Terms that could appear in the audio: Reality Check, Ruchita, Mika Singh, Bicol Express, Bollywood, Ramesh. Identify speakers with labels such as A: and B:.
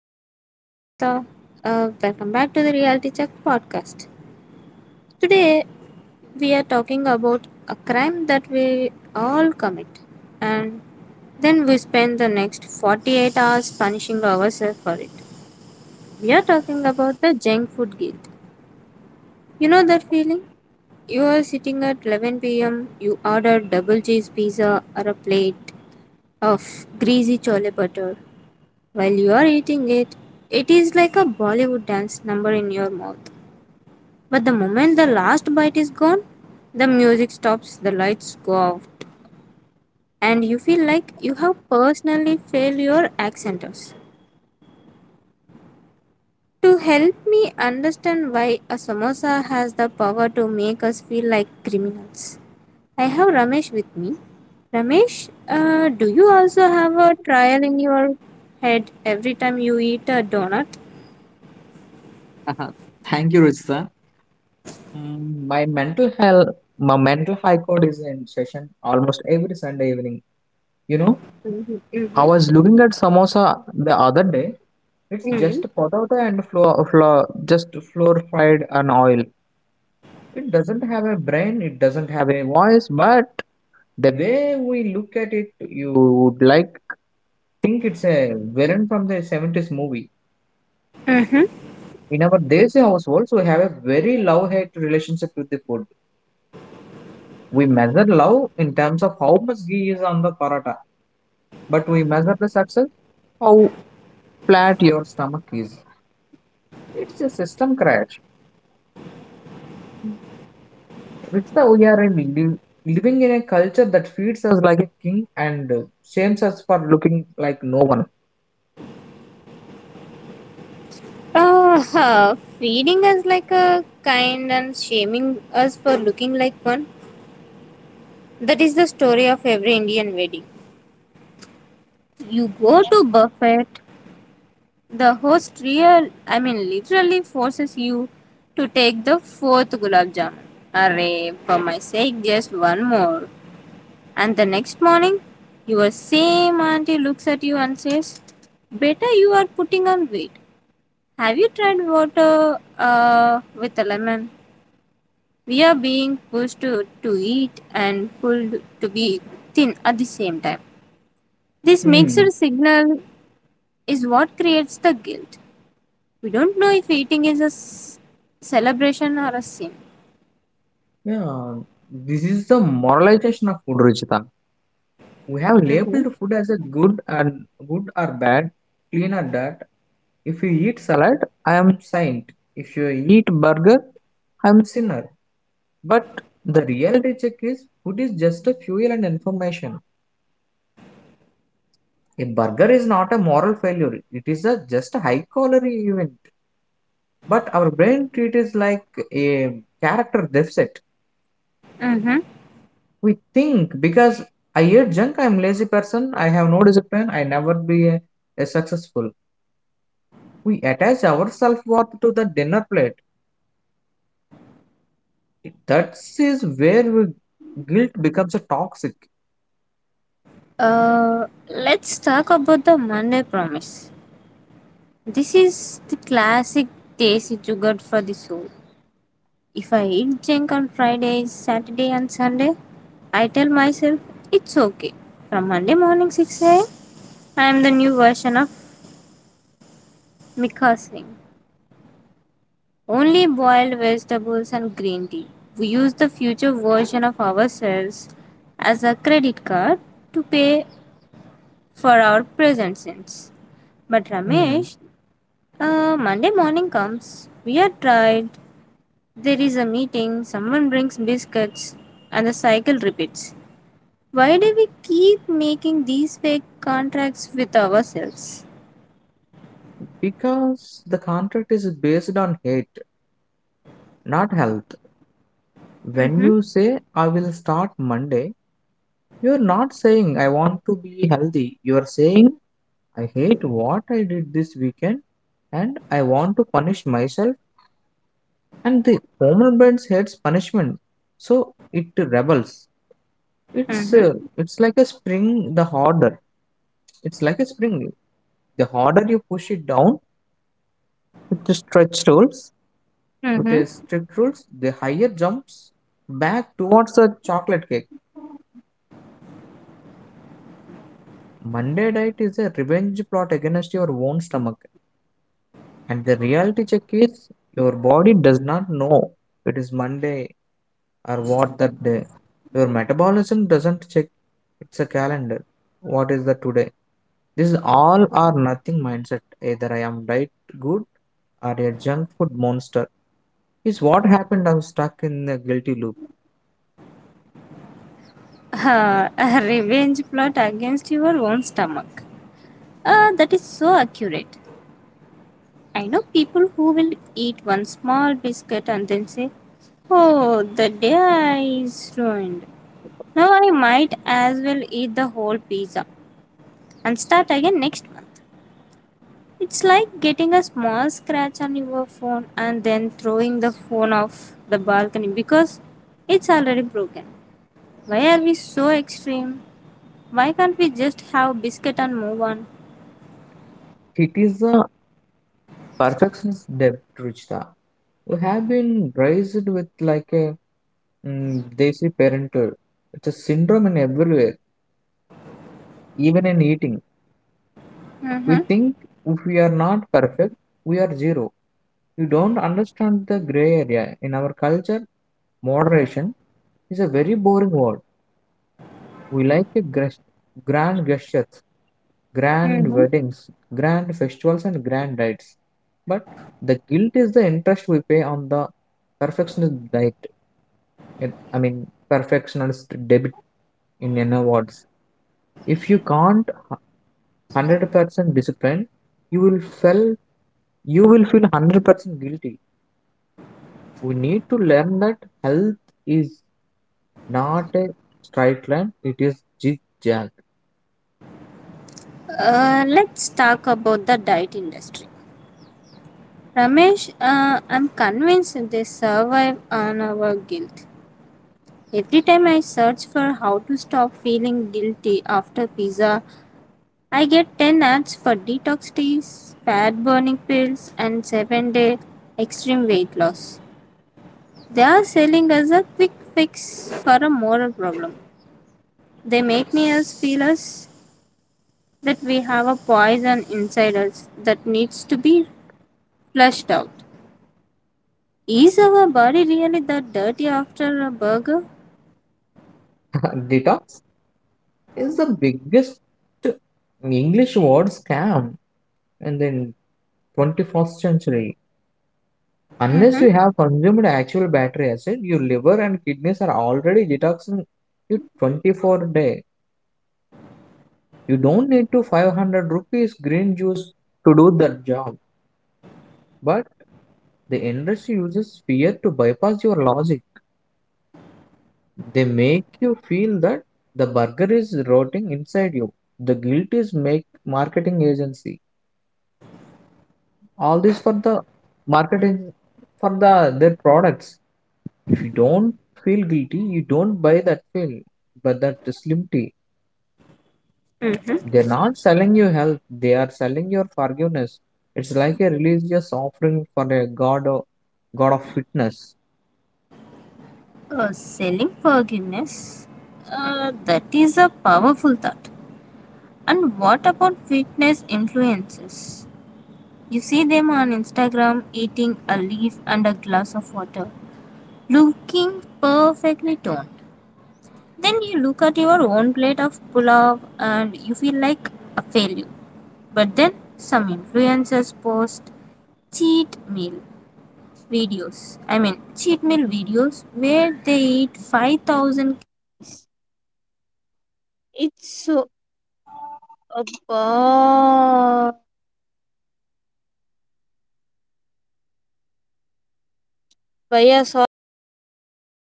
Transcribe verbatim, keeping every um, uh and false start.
A: this is Ruchita. Uh, welcome back to the Reality Check podcast. Today we are talking about a crime that we all commit, and then we spend the next forty-eight hours punishing ourselves for it. We are talking about the junk food guilt. You know that feeling? You are sitting at eleven p m, you order double cheese pizza or a plate of greasy chole butter. While you are eating it, it is like a Bollywood dance number in your mouth. But the moment the last bite is gone, the music stops, the lights go off, and you feel like you have personally failed your accenters. To help me understand why a samosa has the power to make us feel like criminals, I have Ramesh with me. Ramesh, uh, do you also have a
B: Uh-huh.
A: trial in your head every time you eat a donut?
B: Thank you, Ruchita. Mm, My mental health, my mental high court is in session almost every Sunday evening. You know, I
A: Mm-hmm.
B: was looking at samosa the other day. It's
A: Mm-hmm.
B: just potato and flour, flour, just flour fried and oil. It doesn't have a brain. It doesn't have a voice. But the way we look at it, you would like think it's a villain from the seventies movie.
A: Mm-hmm.
B: In our Desi households, we have a very love-hate relationship with the food. We measure love in terms of how much ghee is on the paratha, but we measure the success how flat your stomach is. It's a system crash. It's the we are in li- living in a culture that feeds us like a king and shames us for looking like no one.
A: Uh, huh, feeding us like a kind and shaming us for looking like one. That is the story of every Indian wedding. You go to buffet, the host real, I mean literally forces you to take the fourth gulab jamun. Array, for my sake, just one more. And the next morning, your same auntie looks at you and says, "Better you are putting on weight. Have you tried water uh, with a lemon?" We are being pushed to, to eat and pulled to be thin at the same time. This mixed
B: Hmm.
A: signal is what creates the guilt. We don't know if eating is a s- celebration or a sin.
B: Yeah, this is the moralization of food, Ruchita. We have
A: Mm-hmm.
B: labeled food as a good and good or bad, clean or dirt. If you eat salad, I am saint. If you eat burger, I am sinner. But the reality check is food is just a fuel and information. A burger is not a moral failure. It is a just a high calorie event. But our brain treat it like a character deficit.
A: Mm-hmm.
B: We think because I eat junk, I'm lazy person, I have no discipline, I never be a, a successful. We attach our self-worth to the dinner plate. That is where we, guilt becomes a toxic.
A: Uh, let's talk about the Monday promise. This is the classic day sugar for the soul. If I eat junk on Friday, Saturday, and Sunday, I tell myself it's okay. From Monday morning six a m, I am the new version of Mika Singh. Only boiled vegetables and green tea. We use the future version of ourselves as a credit card to pay for our present sins. But
B: Hmm.
A: Ramesh, uh, Monday morning comes, we are tired, there is a meeting, someone brings biscuits, and the cycle repeats. Why do we keep making these fake contracts with ourselves?
B: Because the contract is based on hate, not health.
A: Mm-hmm.
B: When you say I will start Monday, you're not saying I want to be healthy. You're saying I hate what I did this weekend and I want to punish myself. And the human brain hates punishment, so it rebels. It's uh,
A: Mm-hmm.
B: it's like a spring. The harder it's like a spring. The harder you push it down with the stretch rules, with
A: Mm-hmm.
B: a strict rules, the higher jumps back towards the chocolate cake. Monday diet is a revenge plot against your own stomach, and the reality check is your body does not know it is Monday or what that day. Your metabolism doesn't check it's a calendar. What is the today? This is all or nothing mindset. Either I am diet good or a junk food monster. Is what happened. I was stuck in the guilty loop.
A: Uh, a revenge plot against your own stomach. Uh, that is so accurate. I know people who will eat one small biscuit and then say, "Oh, the day is ruined. Now I might as well eat the whole pizza and start again next month." It's like getting a small scratch on your phone and then throwing the phone off the balcony because it's already broken. Why are we so extreme? Why can't we just have biscuit and move on?
B: It is a perfectionist debt, Ruchita. We have been raised with like a Mm, they say parental. It's a syndrome in everywhere, even in eating. We
A: Mm-hmm.
B: think if we are not perfect, we are zero. You don't understand the gray area. In our culture, moderation is a very boring word. We like the gres- grand gestures, grand
A: Mm-hmm.
B: weddings, grand festivals, and grand diets. But the guilt is the interest we pay on the perfectionist diet. it- I mean, perfectionist debit in N awards. If you can't one hundred percent disciplined, you will feel you will feel one hundred percent guilty. We need to learn that health is not a straight line, it is zigzag.
A: Uh, let's talk about the diet industry. Ramesh, uh, I'm convinced they survive on our guilt. Every time I search for how to stop feeling guilty after pizza, I get ten ads for detox teas, fat burning pills, and seven day extreme weight loss. They are selling us a quick fix for a moral problem. They make me us feel us that we have a poison inside us that needs to be flushed out. Is our body really that dirty after a burger?
B: Detox is the biggest English word scam in the twenty-first century. Unless
A: Mm-hmm.
B: you have consumed actual battery acid, your liver and kidneys are already detoxing you twenty-four day. You don't need to five hundred rupees green juice to do that job. But the industry uses fear to bypass your logic. They make you feel that the burger is rotting inside you. The guilt is make marketing agency. All this for the marketing for the their products. If you don't feel guilty, you don't buy that pill. But that slim tea. They're not selling you health, they are selling your forgiveness. It's like a religious offering for a god of god of fitness.
A: Uh, selling forgiveness? Uh, that is a powerful thought. And what about fitness influencers? You see them on Instagram eating a leaf and a glass of water, looking perfectly toned. Then you look at your own plate of pulao and you feel like a failure. But then some influencers post cheat meal videos. I mean, cheat meal videos where they eat five thousand